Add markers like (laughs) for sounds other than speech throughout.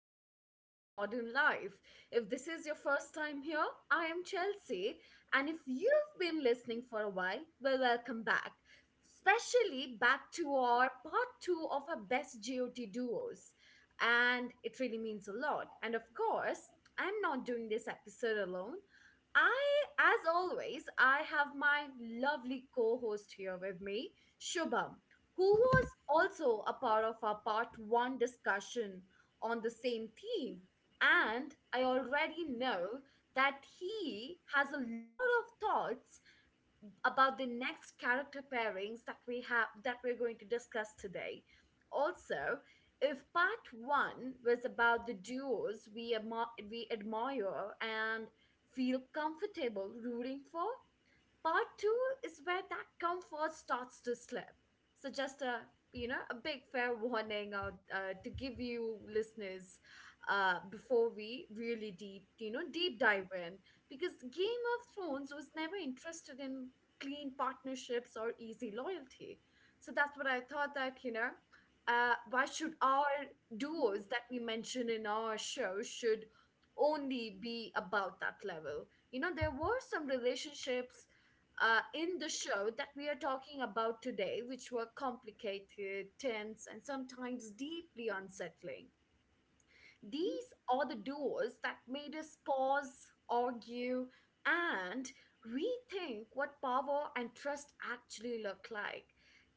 back to our show Modern Life. If this is your first time here, I am Chelsea. And if you've been listening for a while, well, welcome back. Especially back to our part two of our best GOT duos. And it really means a lot. And of course, I'm not doing this episode alone. I, as always, I have my lovely co host here with me, Shubham, who was also a part of our part one discussion on the same theme. And I already know that he has a lot of thoughts about the next character pairings that we have that we're going to discuss today. Also, if part one was about the duos we admire and feel comfortable rooting for, part two is where that comfort starts to slip. So just a you know a big fair warning out to give you listeners before we really deep you know deep dive in, because Game of Thrones was never interested in clean partnerships or easy loyalty. So that's what I thought that you know. Why should our duos that we mention in our show should only be about that level? There were some relationships in the show that we are talking about today, which were complicated, tense, and sometimes deeply unsettling. These are the doors that made us pause, argue, and rethink what power and trust actually look like.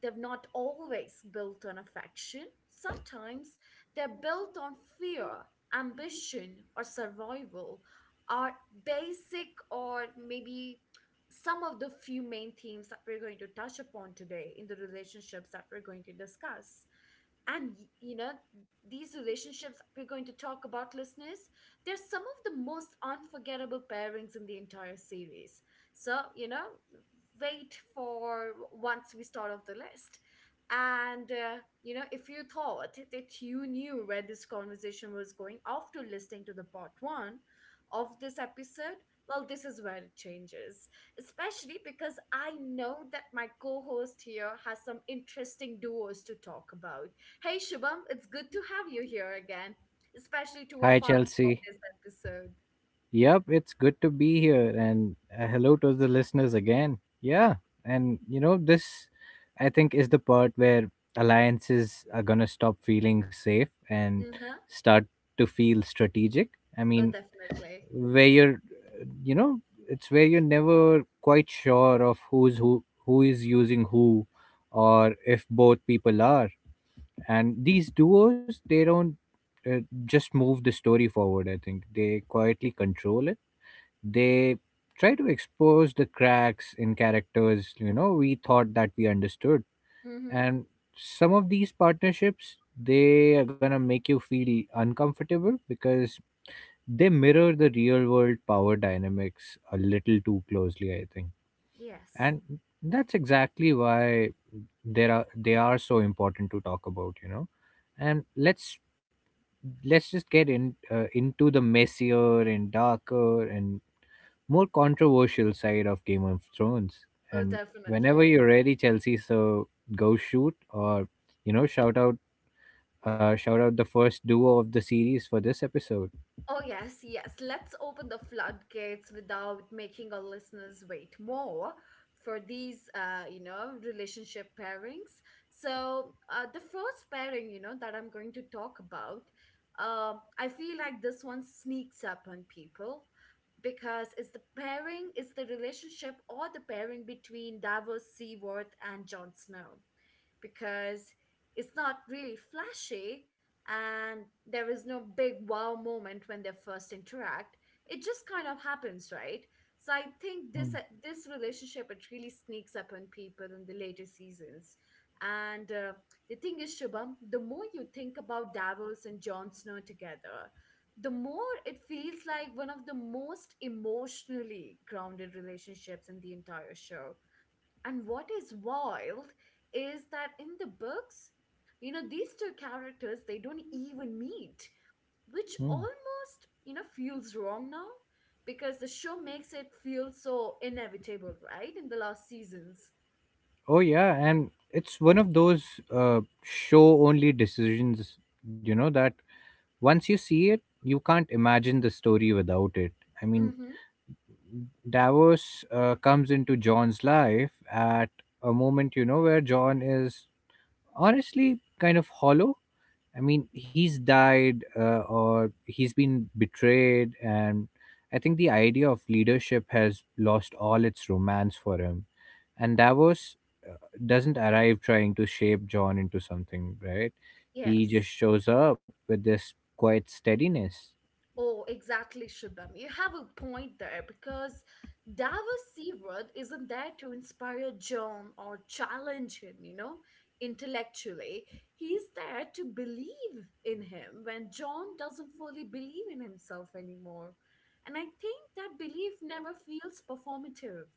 They've not always built on affection; sometimes they're built on fear, ambition, or survival. Are basic or maybe some of the few main themes that we're going to touch upon today in the relationships that we're going to discuss, and these relationships we're going to talk about, listeners, they're some of the most unforgettable pairings in the entire series. So, wait for once we start off the list. And, if you thought that you knew where this conversation was going after listening to the part one of this episode, well, this is where it changes, especially because I know that my co-host here has some interesting duos to talk about. Hey Shubham, it's good to have you here again, especially to a Hi, part of Chelsea. this episode. Yep, it's good to be here. And Hello to the listeners again. Yeah. And, you know, this, I think, is the part where alliances are going to stop feeling safe and Uh-huh. start to feel strategic. I Oh, mean, definitely. where you're, uh, you know, it's where you're never quite sure of who's who is using who, or if both people are, and these duos, they don't uh, just move the story forward. I think they quietly control it. They try to expose the cracks in characters, you know, we thought that we understood. Mm-hmm. And some of these partnerships, they are going to make you feel uncomfortable because they mirror the real world power dynamics a little too closely, I think. Yes. And that's exactly why there are they are so important to talk about, you know. And let's just get in, into the messier and darker and more controversial side of Game of Thrones. Oh, And whenever definitely. you're ready, Chelsea, so go shoot, or you know shout out shout out the first duo of the series for this episode. Oh, yes, yes. Let's open the floodgates without making our listeners wait more for these relationship pairings. So, the first pairing, that I'm going to talk about, I feel like this one sneaks up on people because it's the relationship or the pairing between Davos Seaworth and Jon Snow, because it's not really flashy and there is no big wow moment when they first interact. It just kind of happens, right? So I think this uh, Mm, this relationship it really sneaks up on people in the later seasons. And the thing is, Shubham, the more you think about Davos and Jon Snow together, the more it feels like one of the most emotionally grounded relationships in the entire show. And what is wild is that in the books, these two characters, they don't even meet, which mm. almost, feels wrong now, because the show makes it feel so inevitable, right? In the last seasons. Oh yeah, and it's one of those show only decisions. You know that once you see it, you can't imagine the story without it. I mean, Mm-hmm. Davos comes into John's life at a moment, you know, where John is honestly kind of hollow. I mean, he's died, or he's been betrayed, and I think the idea of leadership has lost all its romance for him. And Davos uh, doesn't arrive trying to shape John into something, right? He Yes. just shows up with this quiet steadiness. Oh, exactly, Shubham. You have a point there because Davos Seawood isn't there to inspire John or challenge him, intellectually. He's there to believe in him when John doesn't fully believe in himself anymore. And I think that belief never feels performative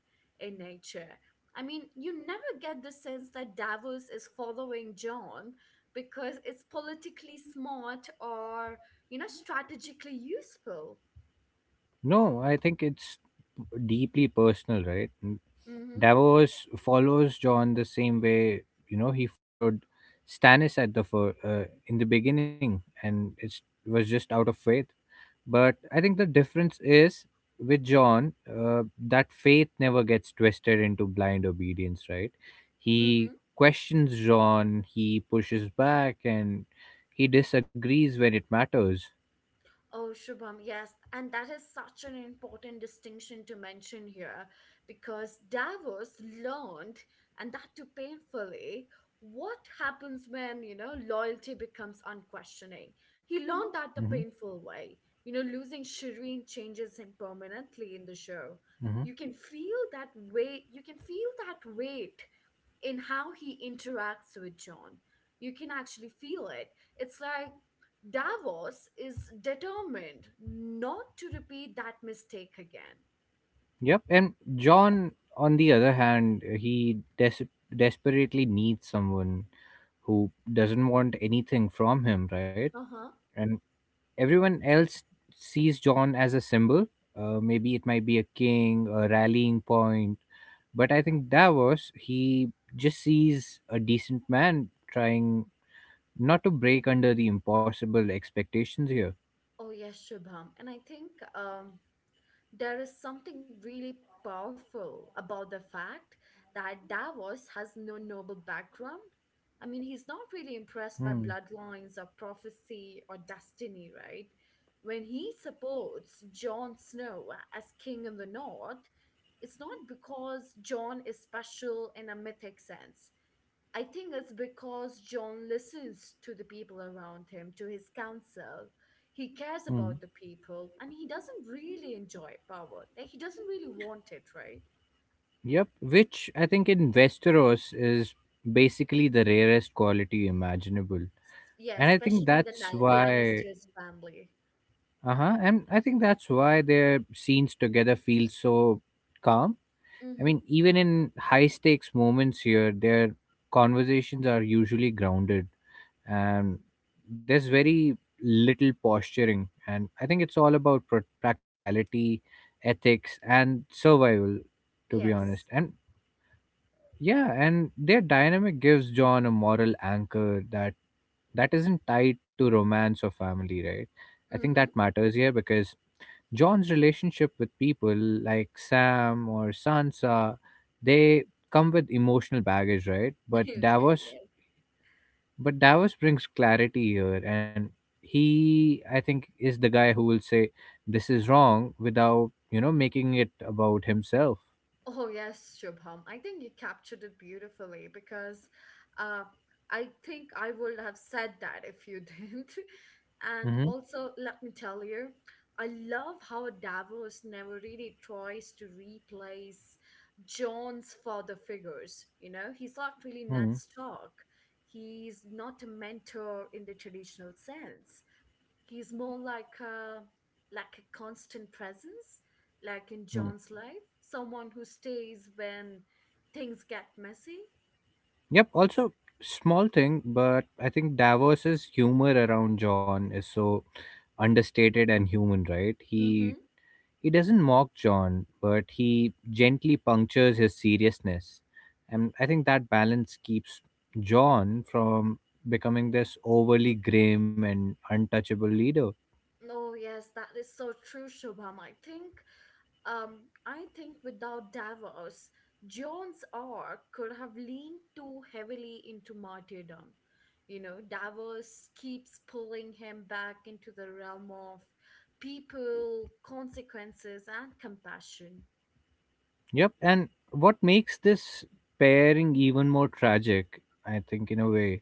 in nature. I mean, you never get the sense that Davos is following John because it's politically smart or strategically useful. No, I think it's deeply personal, right? Mm-hmm. Davos follows John the same way, you know, he followed Stannis at the in the beginning, and it was just out of faith. But I think the difference is with John, that faith never gets twisted into blind obedience. Right? He Mm-hmm. questions John. He pushes back, and he disagrees when it matters. Oh, Shubham, yes. And that is such an important distinction to mention here, because Davos learned, and that too painfully, what happens when loyalty becomes unquestioning. He learned that the Hmm. painful way. Losing Shireen changes him permanently in the show. Hmm. You can feel that weight, you can feel that weight in how he interacts with John. You can actually feel it. It's like Davos is determined not to repeat that mistake again. Yep. And John, on the other hand, he desperately needs someone who doesn't want anything from him, right? Uh huh. And everyone else sees John as a symbol. Maybe it might be a king, a rallying point. But I think Davos, he just sees a decent man trying not to break under the impossible expectations here. Oh, yes, Shubham. And I think there is something really powerful about the fact that Davos has no noble background. I mean, he's not really impressed by Hmm. bloodlines or prophecy or destiny, right? When he supports Jon Snow as king in the North, it's not because Jon is special in a mythic sense. I think it's because John listens to the people around him, to his counsel. He cares Hmm. about the people, and he doesn't really enjoy power. Like, he doesn't really want it, right? Yep. Which I think in Westeros is basically the rarest quality imaginable. Yeah, And I think especially in the that's Lan- why... Lannisters family. Uh-huh. And I think that's why their scenes together feel so calm. I Mm-hmm. mean, even in high stakes moments here, their conversations are usually grounded, and there's very little posturing. And I think it's all about practicality, ethics, and survival, to be honest. Yes. And yeah, and their dynamic gives John a moral anchor that isn't tied to romance or family, right? I think Mm-hmm. that matters here because John's relationship with people like Sam or Sansa, they come with emotional baggage, right? (laughs) Okay, yeah. But Davos brings clarity here, and he, I think, is the guy who will say this is wrong without making it about himself. Oh yes, Shubham. I think you captured it beautifully, because uh, I think I would have said that if you didn't. (laughs) And Mm-hmm. also, let me tell you, I love how Davos never really tries to replace John's father figures. He's not really Ned Mm-hmm. Stark. He's not a mentor in the traditional sense. He's more like a constant presence, like in John's life, someone who stays when things get messy. Yep. Also, small thing, but I think Davos's humor around John is so understated and human, right? Mm-hmm. He doesn't mock John, but he gently punctures his seriousness. And I think that balance keeps John from becoming this overly grim and untouchable leader. Oh yes, that is so true, Shubham. I think without Davos, John's arc could have leaned too heavily into martyrdom. Davos keeps pulling him back into the realm of people, consequences, and compassion. Yep. And what makes this pairing even more tragic, I think, in a way,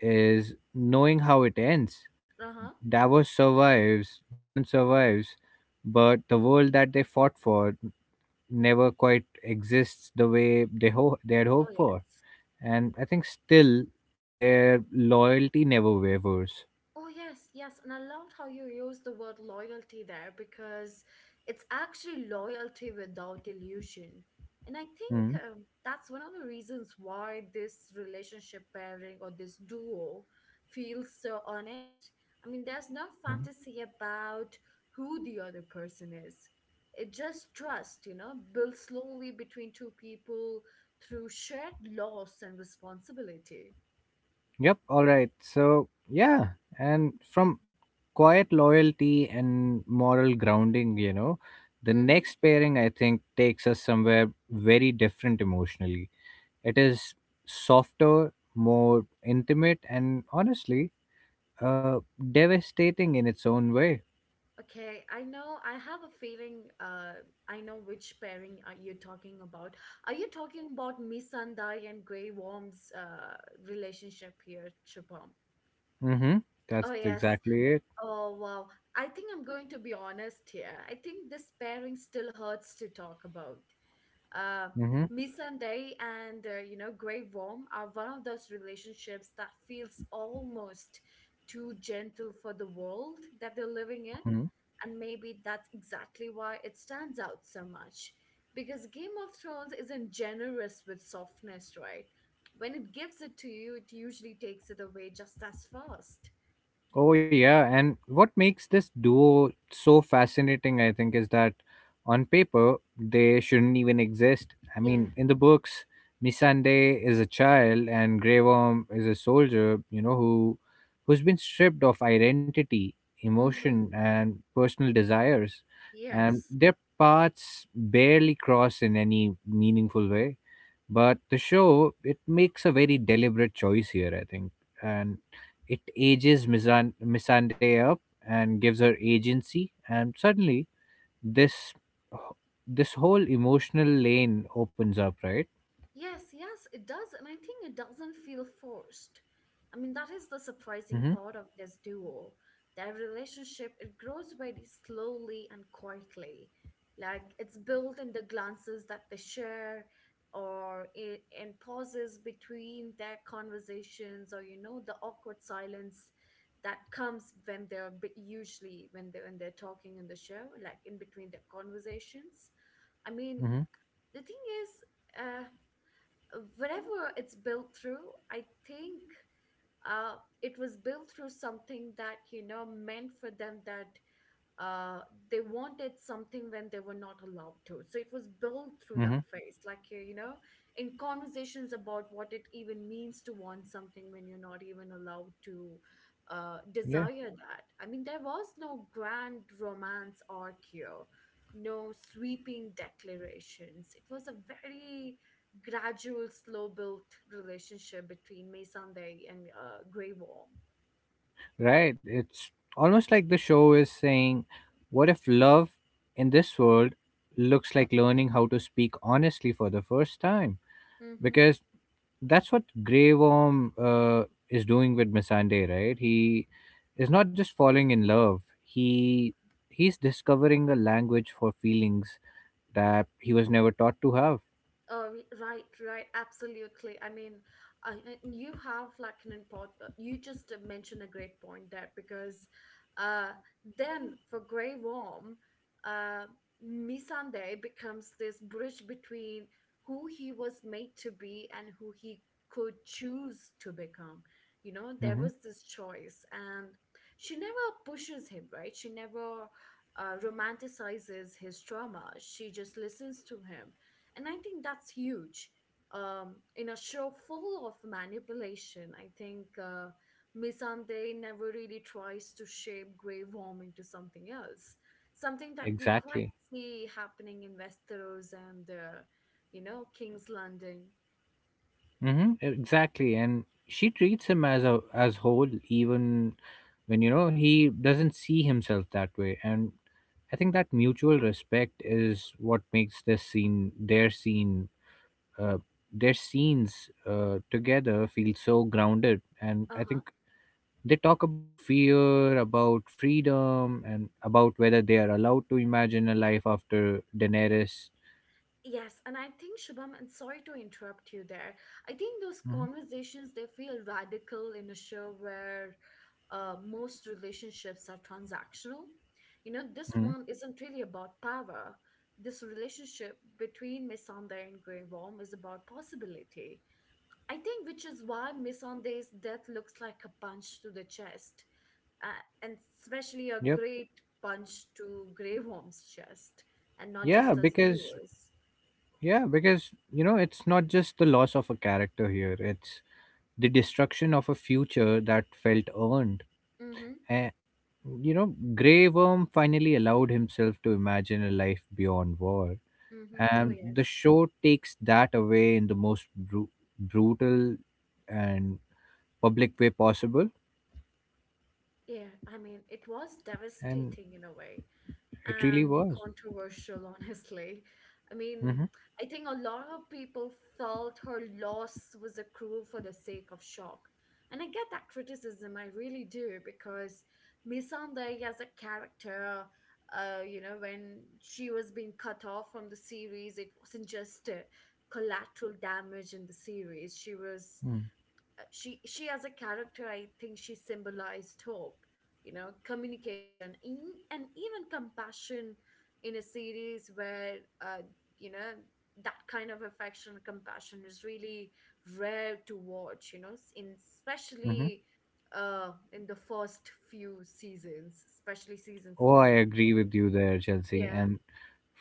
is knowing how it ends. Uh-huh. Davos survives, John survives, but the world that they fought for never quite exists the way they, they had Oh hoped yeah. for. And I think still their loyalty never wavers. Oh yes, yes. And I loved how you used the word loyalty there, because it's actually loyalty without illusion. And I Mm. think that's one of the reasons why this relationship pairing or this duo feels so honest. I mean, there's no Mhm. fantasy about who the other person is. It just trust built slowly between two people through shared loss and responsibility. Yep. All right. So yeah, and from quiet loyalty and moral grounding, you know, the Mhm. next pairing, I think, takes us somewhere very different emotionally. It is softer, more intimate, and honestly, uh, devastating in its own way. Okay, I know. I have a feeling. I know which pairing are you talking about. Are you talking about Miss Sandai and Grey Worm's relationship here, Chupam? Mm-hmm. Oh That's yes. exactly it. Oh wow. I think I'm going to be honest here. I think this pairing still hurts to talk about uh, Mm-hmm. Misandei and Grey Worm are one of those relationships that feels almost too gentle for the world that they're living in, Mm-hmm. and maybe that's exactly why it stands out so much. Because Game of Thrones isn't generous with softness, right? When it gives it to you, it usually takes it away just as fast. Oh, yeah. And what makes this duo so fascinating, I think, is that on paper, they shouldn't even exist. I Yeah. mean, in the books, Missandei is a child and Grey Worm is a soldier, you know, who who's been stripped of identity, Mm-hmm. emotion, and personal desires. And Yes. their paths barely cross in any meaningful way, but the show, it makes a very deliberate choice here, I think, and it ages Missandei up and gives her agency, and suddenly this this whole emotional lane opens up, right? Yes, yes, it does. And I think it doesn't feel forced. I mean, that is the surprising Mhm. part of this duo. Their relationship, it grows very slowly and quietly. Like it's built in the glances that they share, or in pauses between their conversations, or the awkward silence that comes when usually when they're talking in the show, like in between their conversations. I mean, Mhm. the thing is, uh, whenever it's built through, I think uh, it was built through something that meant for them, that uh, they wanted something when they were not allowed to. So it was built through that Mhm. phase, like in conversations about what it even means to want something when you're not even allowed to Yeah, desire that. I mean, there was no grand romance arc here, no sweeping declarations. It was a very gradual, slow built relationship between May Sunday and Grey Worm. right, it's almost like the show is saying, what if love in this world looks like learning how to speak honestly for the first time? Mm-hmm. Because that's what Grey Worm is doing with Missandei, right? He is not just falling in love. He's discovering a language for feelings that he was never taught to have. Uh, right, right, absolutely. I mean, you have like an important, you just mentioned a great point there, because uh, then for Grey Worm, uh, Missandei becomes this bridge between who he was made to be and who he could choose to become. There Hmm. was this choice, and she never pushes him, right? She never romanticizes his trauma. She just listens to him, and I think that's huge. In a show full of manipulation, I think Misande never really tries to shape Grey Worm into something else. Something that we Exactly. quite see happening in Westeros and, King's Landing. Hmm. Exactly. And she treats him as a as whole, even when, you know, he doesn't see himself that way. And I think that mutual respect is what makes this scene uh, their scenes together feel so grounded. And I Uh-huh. think they talk about fear, about freedom, and about whether they are allowed to imagine a life after Daenerys. Yes, and I think Shubham, and sorry to interrupt you there. I think those conversations they feel radical in a show where most relationships are transactional. This Mm-hmm. one isn't really about power. This relationship between Missandei and Grey Worm is about possibility. I think, which is why Missandei's death looks like a punch to the chest, uh, and especially a Yep. great punch to Grey Worm's chest, and not yeah just as because viewers. yeah, because, you know, it's not just the loss of a character here, it's the destruction of a future that felt earned. Mm-hmm. And, you know, Grey Worm finally allowed himself to imagine a life beyond war, Mm-hmm. Oh, and the yes. show takes that away in the most brutal and public way possible. Yeah, I mean, it was And devastating in a way it really and was. controversial, (laughs) honestly. I mean, Hmm. I think a lot of people felt her loss was accrual for the sake of shock. And I get that criticism, I really do, because Missandei as a character, when she was being cut off from the series, it wasn't just collateral damage in the series. She was Mm-hmm. She as a character, I think she symbolized hope, you know, communication, and even compassion in a series where you know that kind of affection compassion is really rare to watch, you know, in Mm-hmm. especially in the first few seasons, especially season Oh, I 4. agree with you there, Chelsea. Yeah. And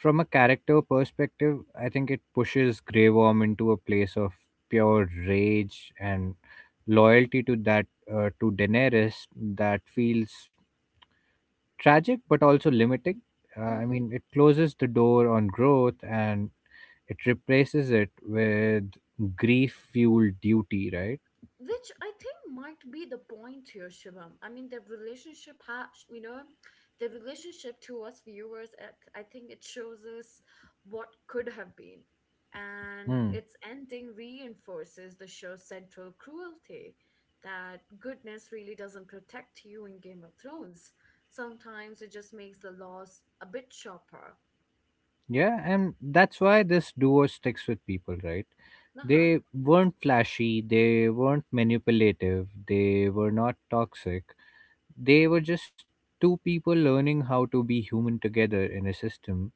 from a character perspective, I think it pushes Grey Worm into a place of pure rage and loyalty to that, to Daenerys, that feels tragic but also limiting. Uh, I Mm-hmm. mean, it closes the door on growth, and it replaces it with grief fueled duty, right? Which I think might be the point here, Shivam. I mean, the relationship has, you know, the relationship to us viewers, I think it shows us what could have been. And Hmm. its ending reinforces the show's central cruelty, that goodness really doesn't protect you in Game of Thrones. Sometimes it just makes the loss a bit sharper. Yeah, and that's why this duo sticks with people, right? Uh huh. They weren't flashy, they weren't manipulative, they were not toxic. They were just two people learning how to be human together in a system,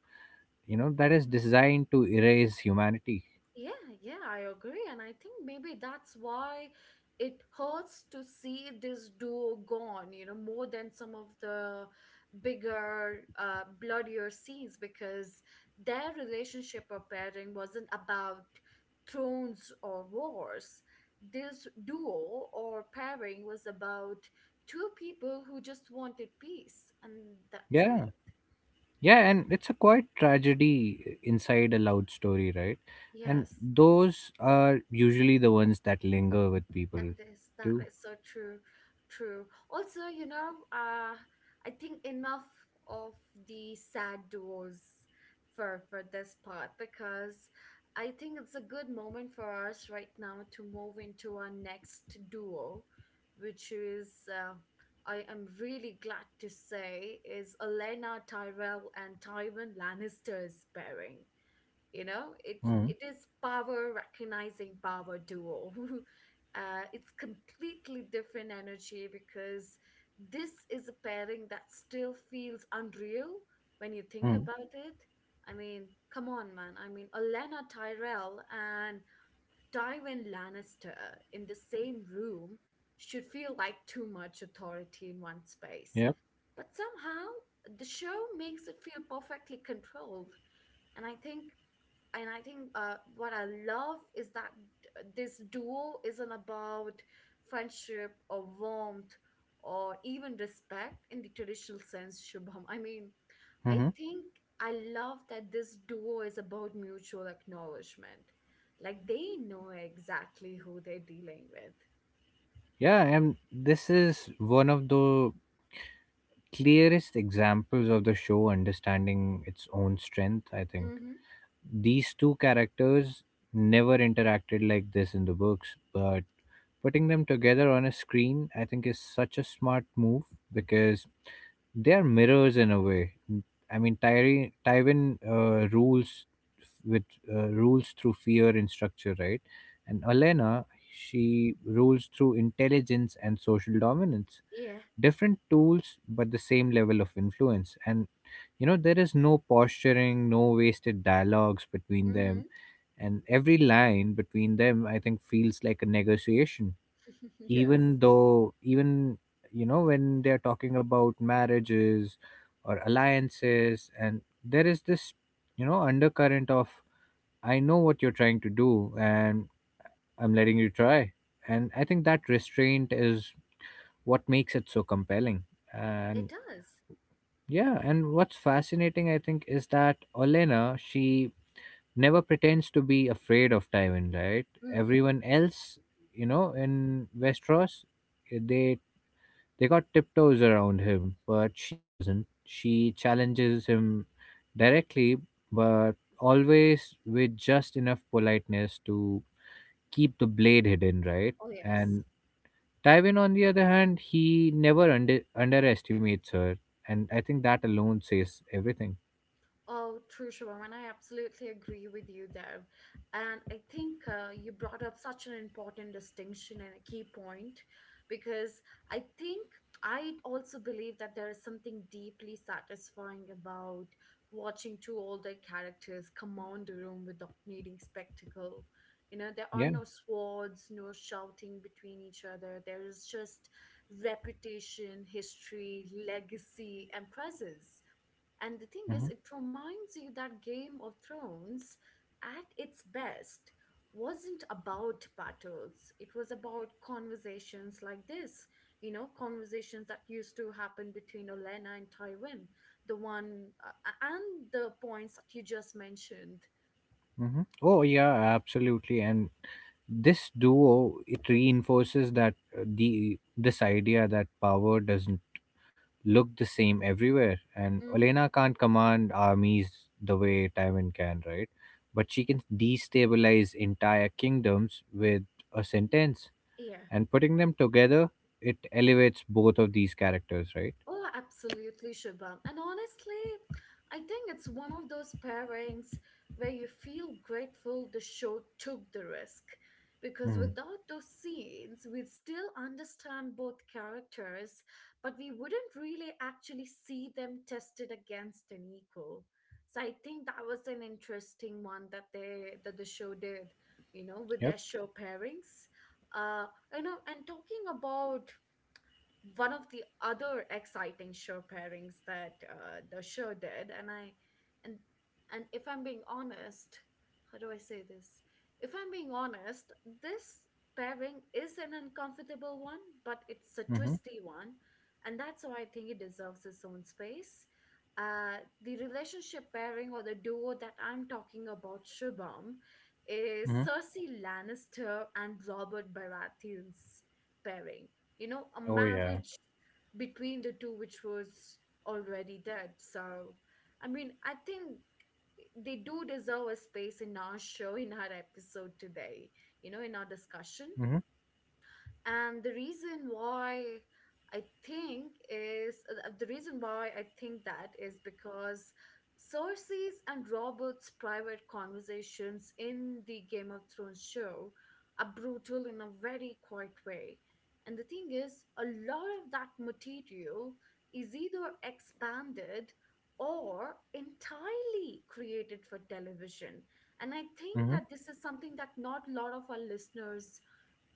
you know, that is designed to erase humanity. Yeah, yeah, I agree. And I think maybe that's why it hurts to see this duo gone, you know, more than some of the bigger, bloodier scenes, because their relationship or pairing wasn't about thrones or wars. This duo or pairing was about two people who just wanted peace, and that's Yeah. it. Yeah, and it's a quite tragedy inside a loud story, right? And Yes. those are usually the ones that linger with That people is that too. is so true, true. Also, you know, I think enough of the sad duos for this part, because I think it's a good moment for us right now to move into our next duo, which is, I am really glad to say, is Elena Tyrell and Tywin Lannister's pairing. You know, Mm-hmm. it is power recognizing power duo. (laughs) It's completely different energy because this is a pairing that still feels unreal when you think Mm-hmm. about it. I mean, come on, man. I mean, Olenna Tyrell and Tywin Lannister in the same room should feel like too much authority in one space, Yep. but somehow the show makes it feel perfectly controlled. And i think and I think what I love is that d- this duo isn't about friendship or warmth or even respect in the traditional sense, Shubham. I mean, I Mm-hmm. think I love that this duo is about mutual acknowledgement. Like they know exactly who they're dealing with. Yeah, and this is one of the clearest examples of the show understanding its own strength, I think. Mm-hmm. These two characters never interacted like this in the books, but putting them together on a screen, I think, is such a smart move, because they're mirrors in a way. I mean, Tywin with rules through fear and structure, right? And Elena, she rules through intelligence and social dominance. Yeah. Different tools, but the same level of influence. And, you know, there is no posturing, no wasted dialogues between Mm-hmm. them, and every line between them, I think, feels like a negotiation, (laughs) Yes. even though, even, you know, when they're talking about marriages or alliances, and there is this, you know, undercurrent of, I know what you're trying to do, and I'm letting you try. And I think that restraint is what makes it so compelling. It And does. yeah, and what's fascinating, I think, is that Olena, she never pretends to be afraid of Tywin, right? Mm-hmm. Everyone else, you know, in Westeros, they got tiptoes around him, but she doesn't. She challenges him directly, but always with just enough politeness to keep the blade hidden, right? Oh, yes. And Tywin, on the other hand, he never underestimates her. And I think that alone says everything. Oh, true, Shivam, and I absolutely agree with you there. And I think, you brought up such an important distinction and a key point, because I think I also believe that there is something deeply satisfying about watching two older characters command a room without needing spectacle. You know, there are Yeah. no swords, no shouting between each other. There is just reputation, history, legacy, and presence, and the thing Hmm. is, it reminds you that Game of Thrones, at its best, wasn't about battles. It was about conversations like this, you know, conversations that used to happen between Olenna and Tywin, the one, and the points that you just mentioned. Hmm. Oh, yeah, absolutely. And this duo, it reinforces that, the this idea that power doesn't look the same everywhere. And Mm-hmm. Olena can't command armies the way Tywin can, right? But she can destabilize entire kingdoms with a sentence. Yeah. And putting them together, it elevates both of these characters, right? Oh, absolutely, Shubham. And honestly, I think it's one of those pairings where you feel grateful the show took the risk. Because Mm. without those scenes, we'd still understand both characters, but we wouldn't really actually see them tested against an equal. So I think that was an interesting one that the show did, you know, with Yep. their show pairings. Uh, you know, and talking about one of the other exciting show pairings that, the show did, and I and and if I'm being honest, how do I say this, if I'm being honest, this pairing is an uncomfortable one, but it's a Mm-hmm. twisty one, and that's why I think it deserves its own space. The relationship pairing or the duo that I'm talking about, Shubham, is Mm-hmm. Cersei Lannister and Robert Baratheon's pairing. You know, a Oh yeah. marriage between the two, which was already dead. So, I mean, I think they do deserve a space in our show, in our episode today, you know, in our discussion. Mm-hmm. And the reason why I think is The reason why I think that is because Cersei's and Robert's private conversations in the Game of Thrones show are brutal in a very quiet way. And the thing is, a lot of that material is either expanded or entirely created for television, and I think Mm-hmm. that this is something that not a lot of our listeners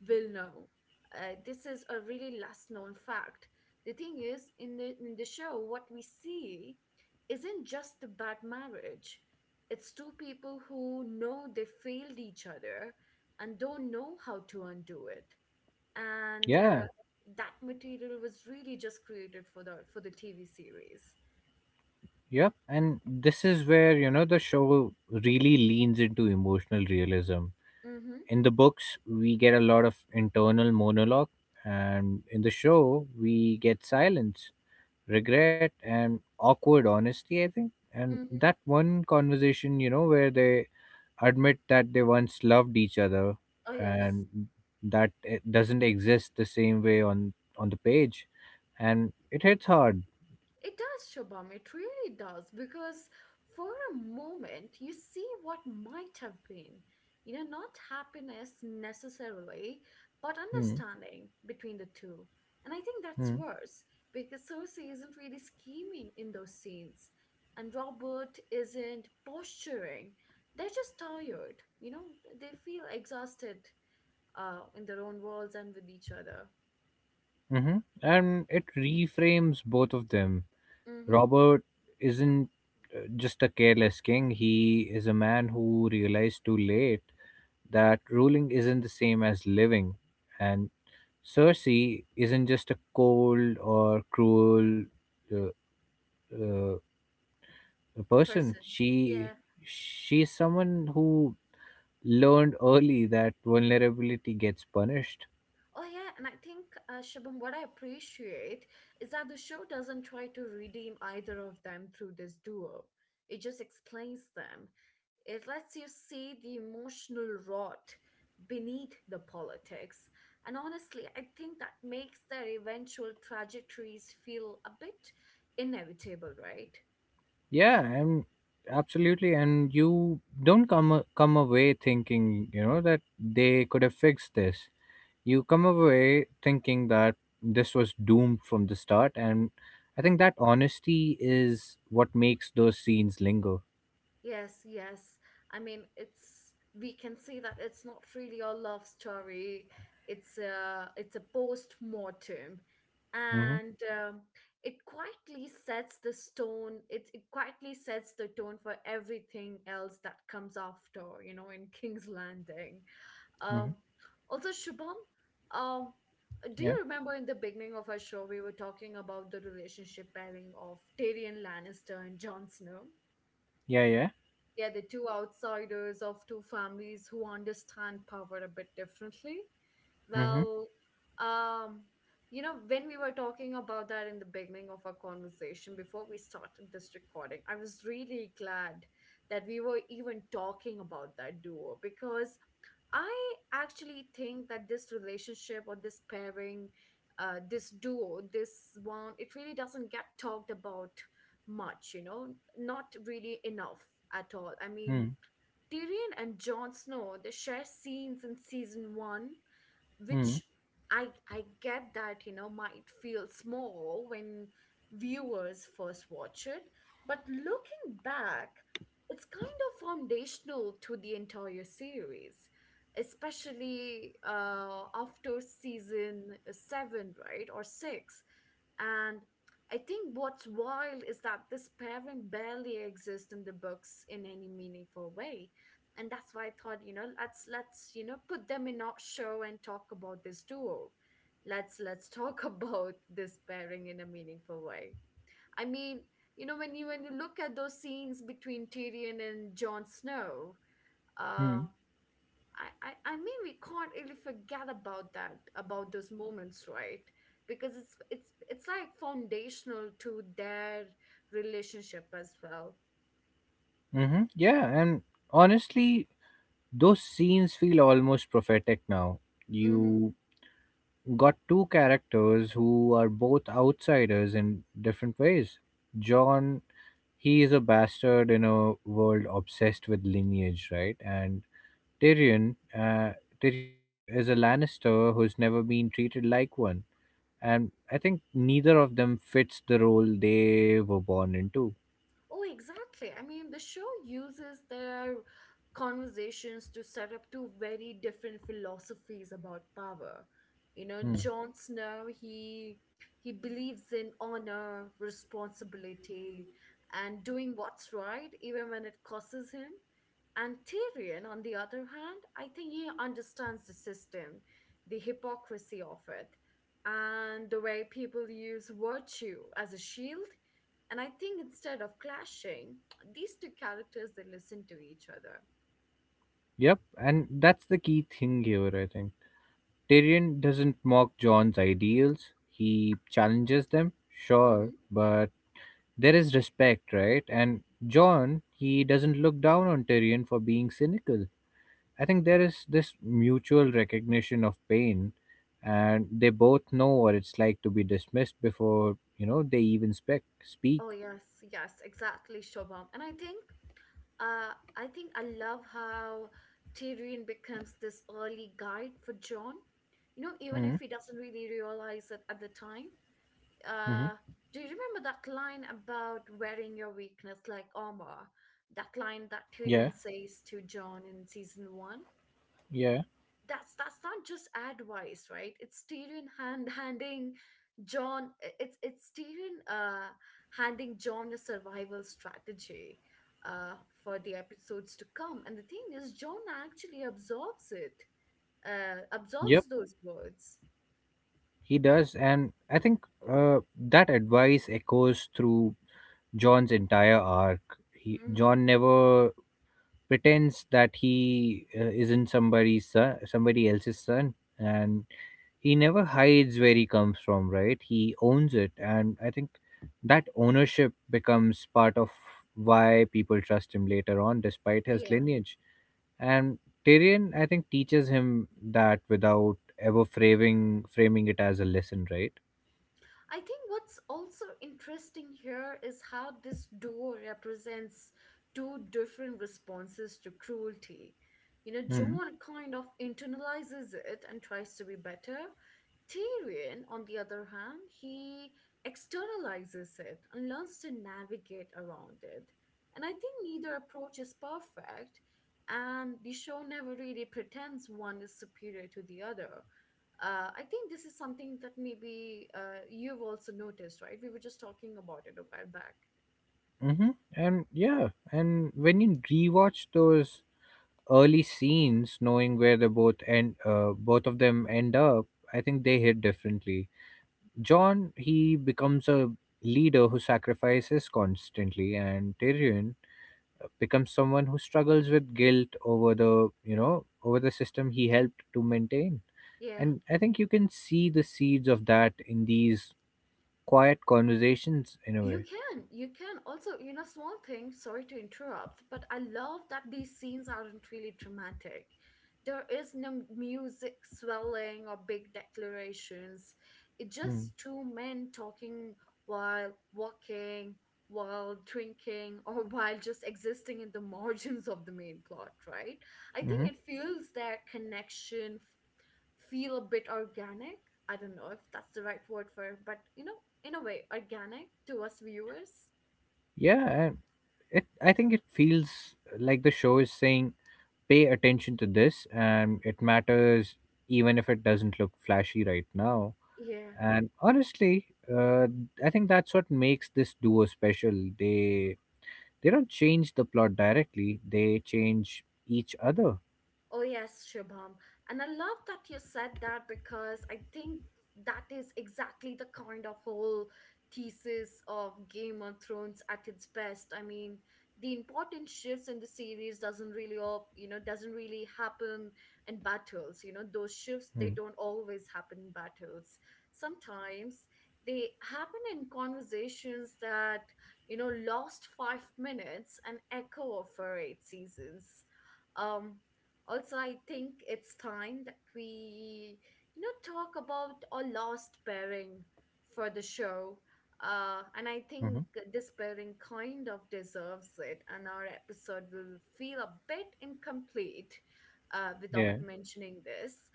will know. This is a really last known fact. The thing is, in the show, what we see isn't just the bad marriage, it's two people who know they failed each other and don't know how to undo it. And Yeah. that material was really just created for the TV series. Yep. And this is where, you know, the show really leans into emotional realism. Mm-hmm. In the books, we get a lot of internal monologue, and in the show, we get silence, regret, and awkward honesty, I think. And Mm-hmm. that one conversation, you know, where they admit that they once loved each other, Oh yes. and that it doesn't exist the same way on the page, and it hits hard. It does, Shobham. It really does. Because for a moment, you see what might have been. You know, not happiness necessarily, but Hmm. understanding between the two. And I think that's Hmm. worse because Cersei isn't really scheming in those scenes. And Robert isn't posturing. They're just tired. You know, they feel exhausted, in their own worlds and with each other. Mm-hmm. And it reframes both of them. Mm hmm. Robert isn't, just a careless king, he is a man who realized too late that ruling isn't the same as living. And Cersei isn't just a cold or cruel, uh, uh, person. Person. Yeah. She's someone who learned early that vulnerability gets punished. Oh yeah, and I think, Shubham, what I appreciate is that the show doesn't try to redeem either of them through this duo. It just explains them. It lets you see the emotional rot beneath the politics. And honestly, I think that makes their eventual trajectories feel a bit inevitable, right? Yeah, and absolutely. And you don't come away thinking, you know, that they could have fixed this. You come away thinking that this was doomed from the start, and I think that honesty is what makes those scenes linger. Yes, yes. I mean, it's we can see that it's not really a love story. It's a post-mortem, Mm-hmm. and it quietly sets the tone for everything else that comes after. You know, in King's Landing. Mm-hmm. Um, also, Shubham, um, do Yeah, you remember in the beginning of our show we were talking about the relationship pairing of Tyrion Lannister and Jon Snow? yeah, yeah. Yeah. The two outsiders of two families who understand power a bit differently. Mm-hmm. Well, um, you know, when we were talking about that in the beginning of our conversation before we started this recording, I was really glad that we were even talking about that duo, because I actually think that this relationship or this pairing, this duo, this one, it really doesn't get talked about much, you know, not really enough at all. I mean, Mm-hmm. Tyrion and Jon Snow, they share scenes in season 1, which I get that, you know, might feel small when viewers first watch it, but looking back, it's kind of foundational to the entire series, especially after season 7, right, or six, and. I think what's wild is that this pairing barely exists in the books in any meaningful way, and that's why I thought, you know, let's put them in our show and talk about this duo. Let's talk (laughs) about this pairing in a meaningful way. I mean, you know, when you look at those scenes between Tyrion and Jon Snow, Mm-hmm. uh, I mean, we can't really forget about that about those moments, right? Because it's like foundational to their relationship as well. Mm-hmm. Yeah, and honestly, those scenes feel almost prophetic now. Mm-hmm. You got two characters who are both outsiders in different ways. John, he is a bastard in a world obsessed with lineage, right? And Tyrion, Tyrion is a Lannister who's never been treated like one, and I think neither of them fits the role they were born into. Oh, exactly. I mean, the show uses their conversations to set up two very different philosophies about power. You know, Hmm. Jon Snow, he believes in honor, responsibility, and doing what's right even when it costs him. And Tyrion, on the other hand, I think he understands the system, the hypocrisy of it, and the way people use virtue as a shield, and I think instead of clashing, these two characters, they listen to each other. Yep, and that's the key thing here, I think. Tyrion doesn't mock John's ideals, he challenges them, sure, Hmm. but there is respect, right? And John, he doesn't look down on Tyrion for being cynical. I think there is this mutual recognition of pain, and they both know what it's like to be dismissed before they even spec speak. Oh yes, yes, exactly, Shobham. And I think, I think I love how Tyrion becomes this early guide for John. You know, even if Mm-hmm. he doesn't really realize it at the time. Mm-hmm. Uh, do you remember that line about wearing your weakness like armor? That line that Yeah, Tyrion says to John in season 1. yeah, That's not just advice, right? it's tyrion hand handing john I- it's tyrion handing john a survival strategy uh for the episodes to come. And the thing is, John actually absorbs it, yep. absorbs those words. He does, and I think that advice echoes through John's entire arc. He Mm-hmm. John never pretends that he isn't somebody's son, somebody else's son, and he never hides where he comes from, right? He owns it, and I think that ownership becomes part of why people trust him later on, despite his Yeah. lineage. And Tyrion, I think, teaches him that without ever framing it as a lesson, right? I think what's also interesting here is how this duo represents two different responses to cruelty. You know, John Mm-hmm. kind of internalizes it and tries to be better. Tyrion, on the other hand, he externalizes it and learns to navigate around it. And I think neither approach is perfect, and the show never really pretends one is superior to the other. I think this is something that maybe, you've also noticed, right? We were just talking about it a while back. Mm-hmm. And yeah, and when you rewatch those early scenes, knowing where they both end, both of them end up, I think they hit differently. John, he becomes a leader who sacrifices constantly, and Tyrion becomes someone who struggles with guilt over the over the system he helped to maintain. Yeah. And I think you can see the seeds of that in these quiet conversations in a way. You can also, you know, small things. Sorry to interrupt, but I love that these scenes aren't really dramatic. There is no music swelling or big declarations. It's Hmm. just two men talking while walking, while drinking, (laughs) or while just existing in the margins of the main plot, right? I think Mm-hmm. it feels their connection feel a bit organic. I don't know if that's the right word for it, but you know, in a way, organic to us viewers. Yeah, it. I think it feels like the show is saying, pay attention to this, and it matters even if it doesn't look flashy right now. Yeah. And honestly, uh, I think that's what makes this duo special. They don't change the plot directly; they change each other. Oh, yes, Shubham. And I love that you said that because I think that is exactly the kind of whole thesis of Game of Thrones at its best. I mean, the important shifts in the series doesn't really all, doesn't really happen in battles. You know, those shifts they Mm, don't always happen in battles. Sometimes they happen in conversations that, lost 5 minutes and echo for 8 seasons. Um, Also, I think it's time that we, talk about our last pairing for the show. And I hmm. think Mm-hmm. this pairing kind of deserves it, and our episode will feel a bit incomplete without Yeah, mentioning this.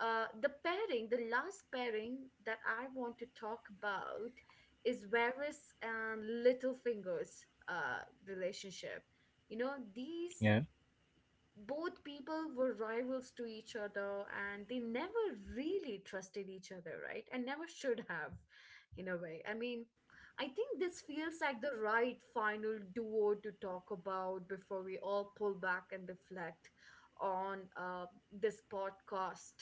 The last pairing that I want to talk about is Varys and Littlefingers' relationship. You know, these yeah. both people were rivals to each other and they never really trusted each other, right? And never should have, in a way. I mean, I think this feels like the right final duo to talk about before we all pull back and reflect on this podcast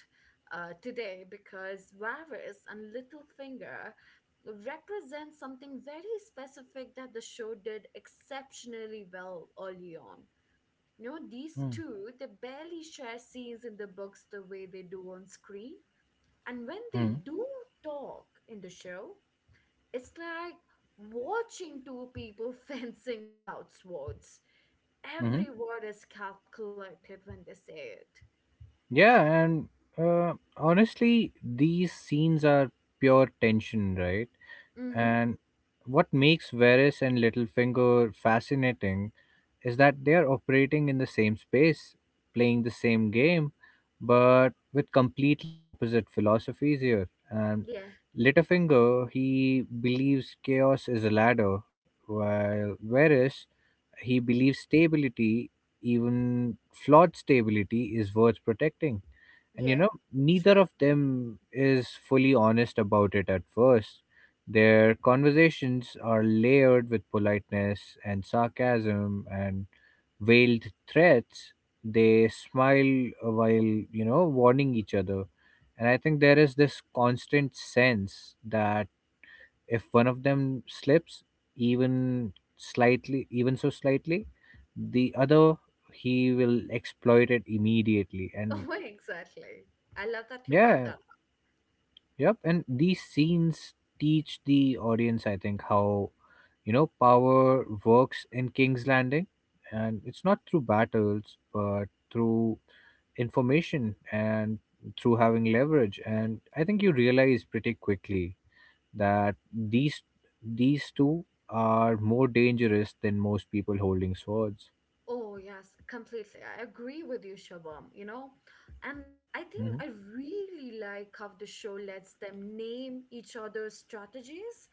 today because Varys and Littlefinger represent something very specific that the show did exceptionally well early on. You know, Mm, these mm, two, they barely share scenes in the books the way they do on screen. And when they hmm. do talk in the show, it's like watching two people (laughs) fencing without swords. Mm-hmm. Every word is calculated when they say it. Yeah, and honestly, these scenes are pure tension, right? Mm-hmm. And what makes Varys and Littlefinger fascinating is that they are operating in the same space, playing the same game, but with completely opposite philosophies here. And Yeah, Littlefinger, he believes chaos is a ladder, while whereas he believes stability, even flawed stability, is worth protecting. And you yeah, know, it's true. neither (laughs) of them is fully honest about it at first. Their conversations are layered with politeness and sarcasm and veiled threats. They smile while, you know, warning each other. And I think there is this constant sense that if one of them slips, even slightly, even so slightly, the other, he will exploit it immediately. And Oh, exactly. I love that you brought yeah, that yep, and these scenes teach the audience, I think, how power works in King's Landing, and it's not through battles, but through information and through having leverage. And I think you realize pretty quickly that these these two are more dangerous than most people holding swords. Oh, yes, completely. I agree with you, Shabam, you know? And I Hmm. really like how the show lets them name each other's strategies.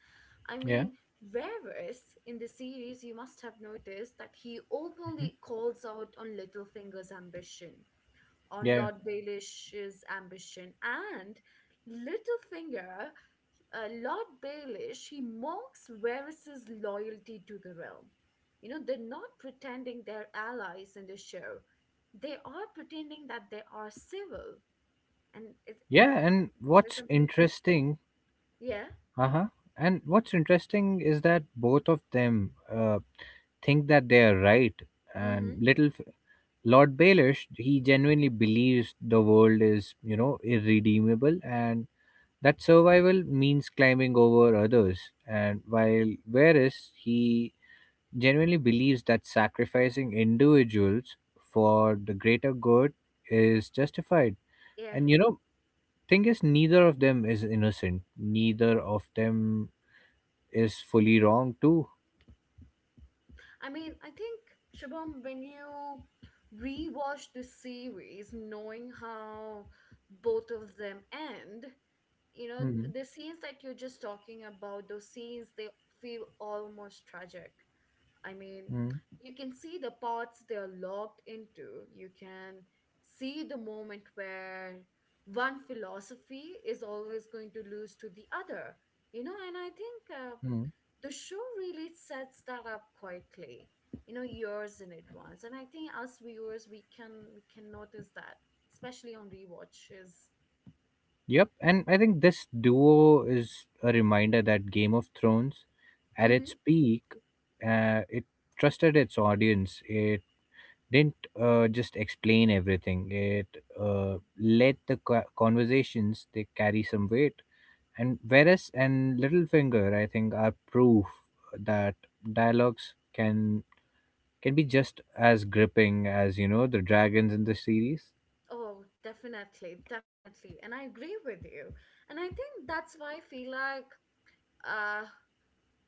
I Yeah, mean, Varys in the series, you must have noticed that he openly calls out on Littlefinger's ambition, on yeah, Lord Baelish's ambition, and Littlefinger Lord Baelish, he mocks Varys' loyalty to the realm. You know, they're not pretending they're allies in the show. They are pretending that they are civil. And it's yeah. And that is what's something interesting. interesting Yeah. Uh-huh. And what's interesting is that both of them think that they are right. And Mm-hmm. little f- Lord Baelish, he genuinely believes the world is, you know, irredeemable and that survival means climbing over others. And while Varys, he genuinely believes that sacrificing individuals for the greater good is justified. Yeah. And, you know, thing is, neither of them is innocent. Neither of them is fully wrong too. I mean, I think, Shabam, when you rewatch the series, knowing how both of them end, you know, Hmm. the scenes that you're just talking about, those scenes, they feel almost tragic. I mean, Hmm. you can see the parts they are locked into. You can see the moment where one philosophy is always going to lose to the other, you know, and I think Hmm. the show really sets that up quietly, you know, years in advance. And I think us viewers, we can notice that, especially on rewatches. Yep, and I think this duo is a reminder that Game of Thrones, at Mm-hmm. its peak, it trusted its audience. It didn't just explain everything. It let the conversations they carry some weight. And Varys and Littlefinger, I think, are proof that dialogues can be just as gripping as you know the dragons in the series. Oh, definitely, definitely. And I agree with you. And I think that's why I feel like uh,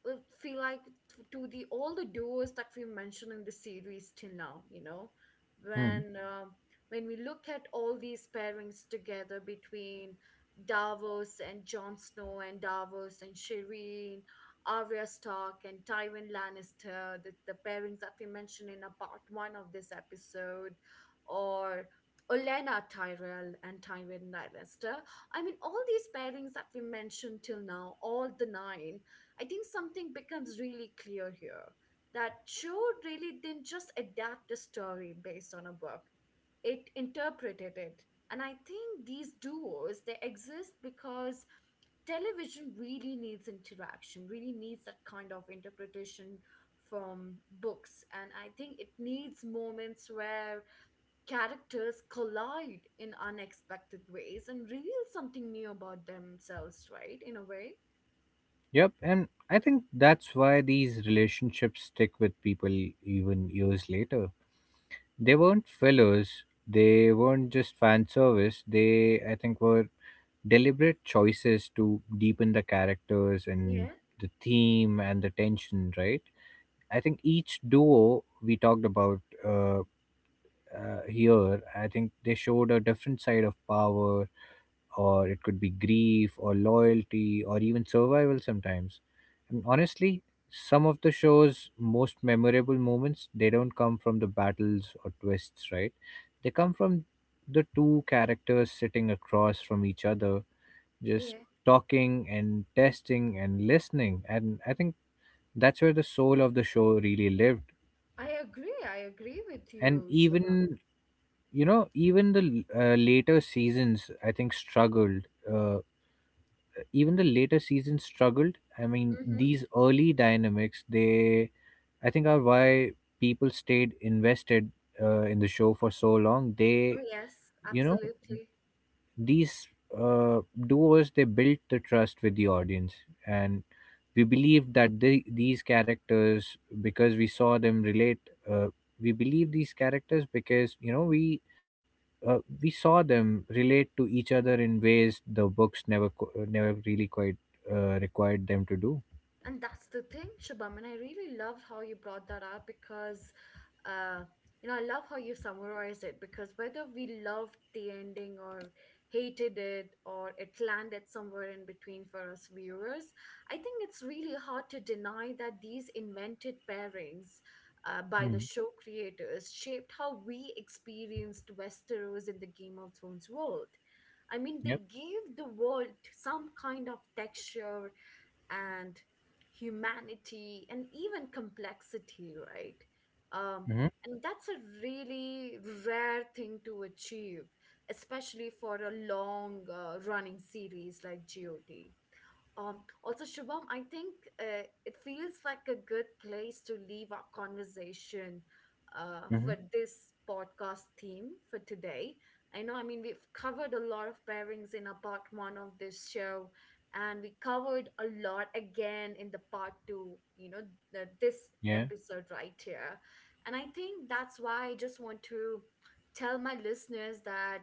to the all the duos that we mentioned in the series till now, you know, when uh, when we look at all these pairings together between Davos and Jon Snow and Davos and Shireen, Arya Stark and Tywin Lannister, the pairings that we mentioned in a part 1 of this episode or Olenna Tyrell and Tywin Lannister. I mean, all these pairings that we mentioned till now, all the nine, I think something becomes really clear here that show really didn't just adapt a story based on a book, it interpreted it. And I think these duos, they exist because television really needs interaction, really needs that kind of interpretation from books. And I think it needs moments where characters collide in unexpected ways and reveal something new about themselves, right? In a way. Yep, and I think that's why these relationships stick with people even years later. They weren't fillers, they weren't just fan service, they, I think, were deliberate choices to deepen the characters and Yeah, the theme and the tension, right? I think each duo we talked about here, I think they showed a different side of power, or it could be grief or loyalty or even survival sometimes. And honestly, some of the show's most memorable moments, they don't come from the battles or twists, right? They come from the two characters sitting across from each other, just yeah. talking and testing and listening. And I think that's where the soul of the show really lived. I agree. I agree with And you, Shubham. even, you know, even the later seasons, I think, struggled. Even the later seasons struggled. I mean, Hmm. these early dynamics, they, I think, are why people stayed invested in the show for so long. Oh, They, yes, you know, absolutely. these uh, duos, they built the trust with the audience. And we believed that they, these characters, because we saw them relate, uh, we believe these characters because, you know, we saw them relate to each other in ways the books never never really quite required them to do. And that's the thing, Shubham, and I really loved how you brought that up because, uh, you know, I love how you summarized it because whether we loved the ending or hated it or it landed somewhere in between for us viewers, I think it's really hard to deny that these invented pairings by the Mm. show creators shaped how we experienced Westeros in the Game of Thrones world. I mean, they Yep. gave the world some kind of texture, and humanity and even complexity, right? um, Mm-hmm. and that's a really rare thing to achieve, especially for a long running series like GOT. Also, Shubham, I think it feels like a good place to leave our conversation for Mm-hmm. this podcast theme for today. I know, I mean, we've covered a lot of pairings in our part one of this show, and we covered a lot again in the part two, you know, this Yeah. episode right here. And I think that's why I just want to tell my listeners that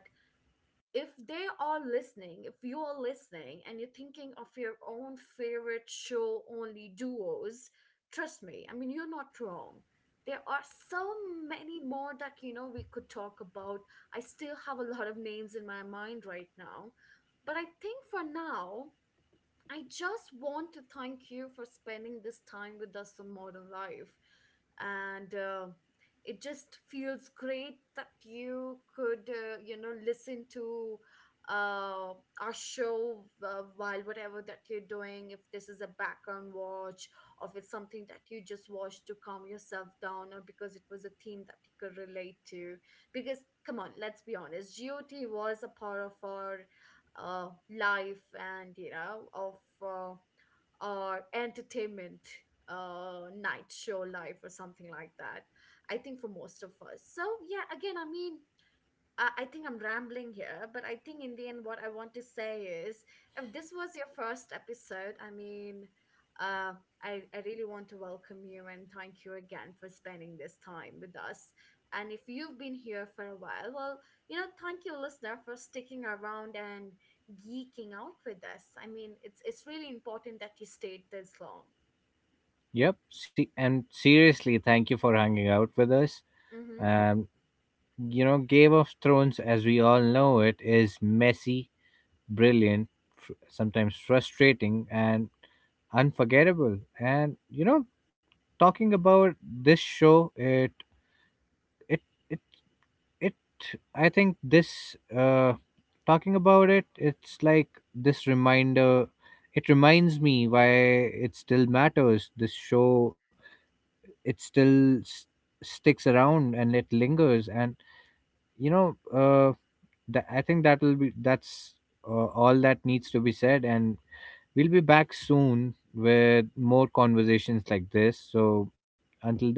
if they are listening, if you are listening and you're thinking of your own favorite show only duos, trust me, I mean, you're not wrong. There are so many more that, you know, we could talk about. I still have a lot of names in my mind right now. But I think for now, I just want to thank you for spending this time with us on modern life. And it just feels great that you could, you know, listen to uh, our show while whatever that you're doing, if this is a background watch, or if it's something that you just watched to calm yourself down, or because it was a theme that you could relate to. Because, come on, let's be honest, GOT was a part of our life and you know of uh, our entertainment night show life or something like that. I think for most of us. So yeah, again, I mean, I think I'm rambling here, but I think in the end, what I want to say is if this was your first episode, I mean, uh, I really want to welcome you and thank you again for spending this time with us. And if you've been here for a while, well, you know, thank you, listener, for sticking around and geeking out with us. I mean, it's really important that you stayed this long. Yep. See, and seriously, thank you for hanging out with us. Mm-hmm. Um, you know, Game of Thrones, as we all know it, is messy, brilliant, sometimes frustrating, and unforgettable. And you know, talking about this show, it it it I think this talking about it, it's like this reminder. It reminds me why it still matters. This show, it still s- sticks around and it lingers, and you know uh I think that's all that needs to be said, and we'll be back soon with more conversations like this. So until then,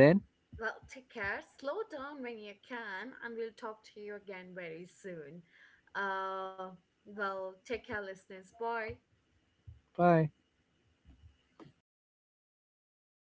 Well, take care. Slow down when you can, and we'll talk to you again very soon. Uh, well, take care, listeners. Bye. bye.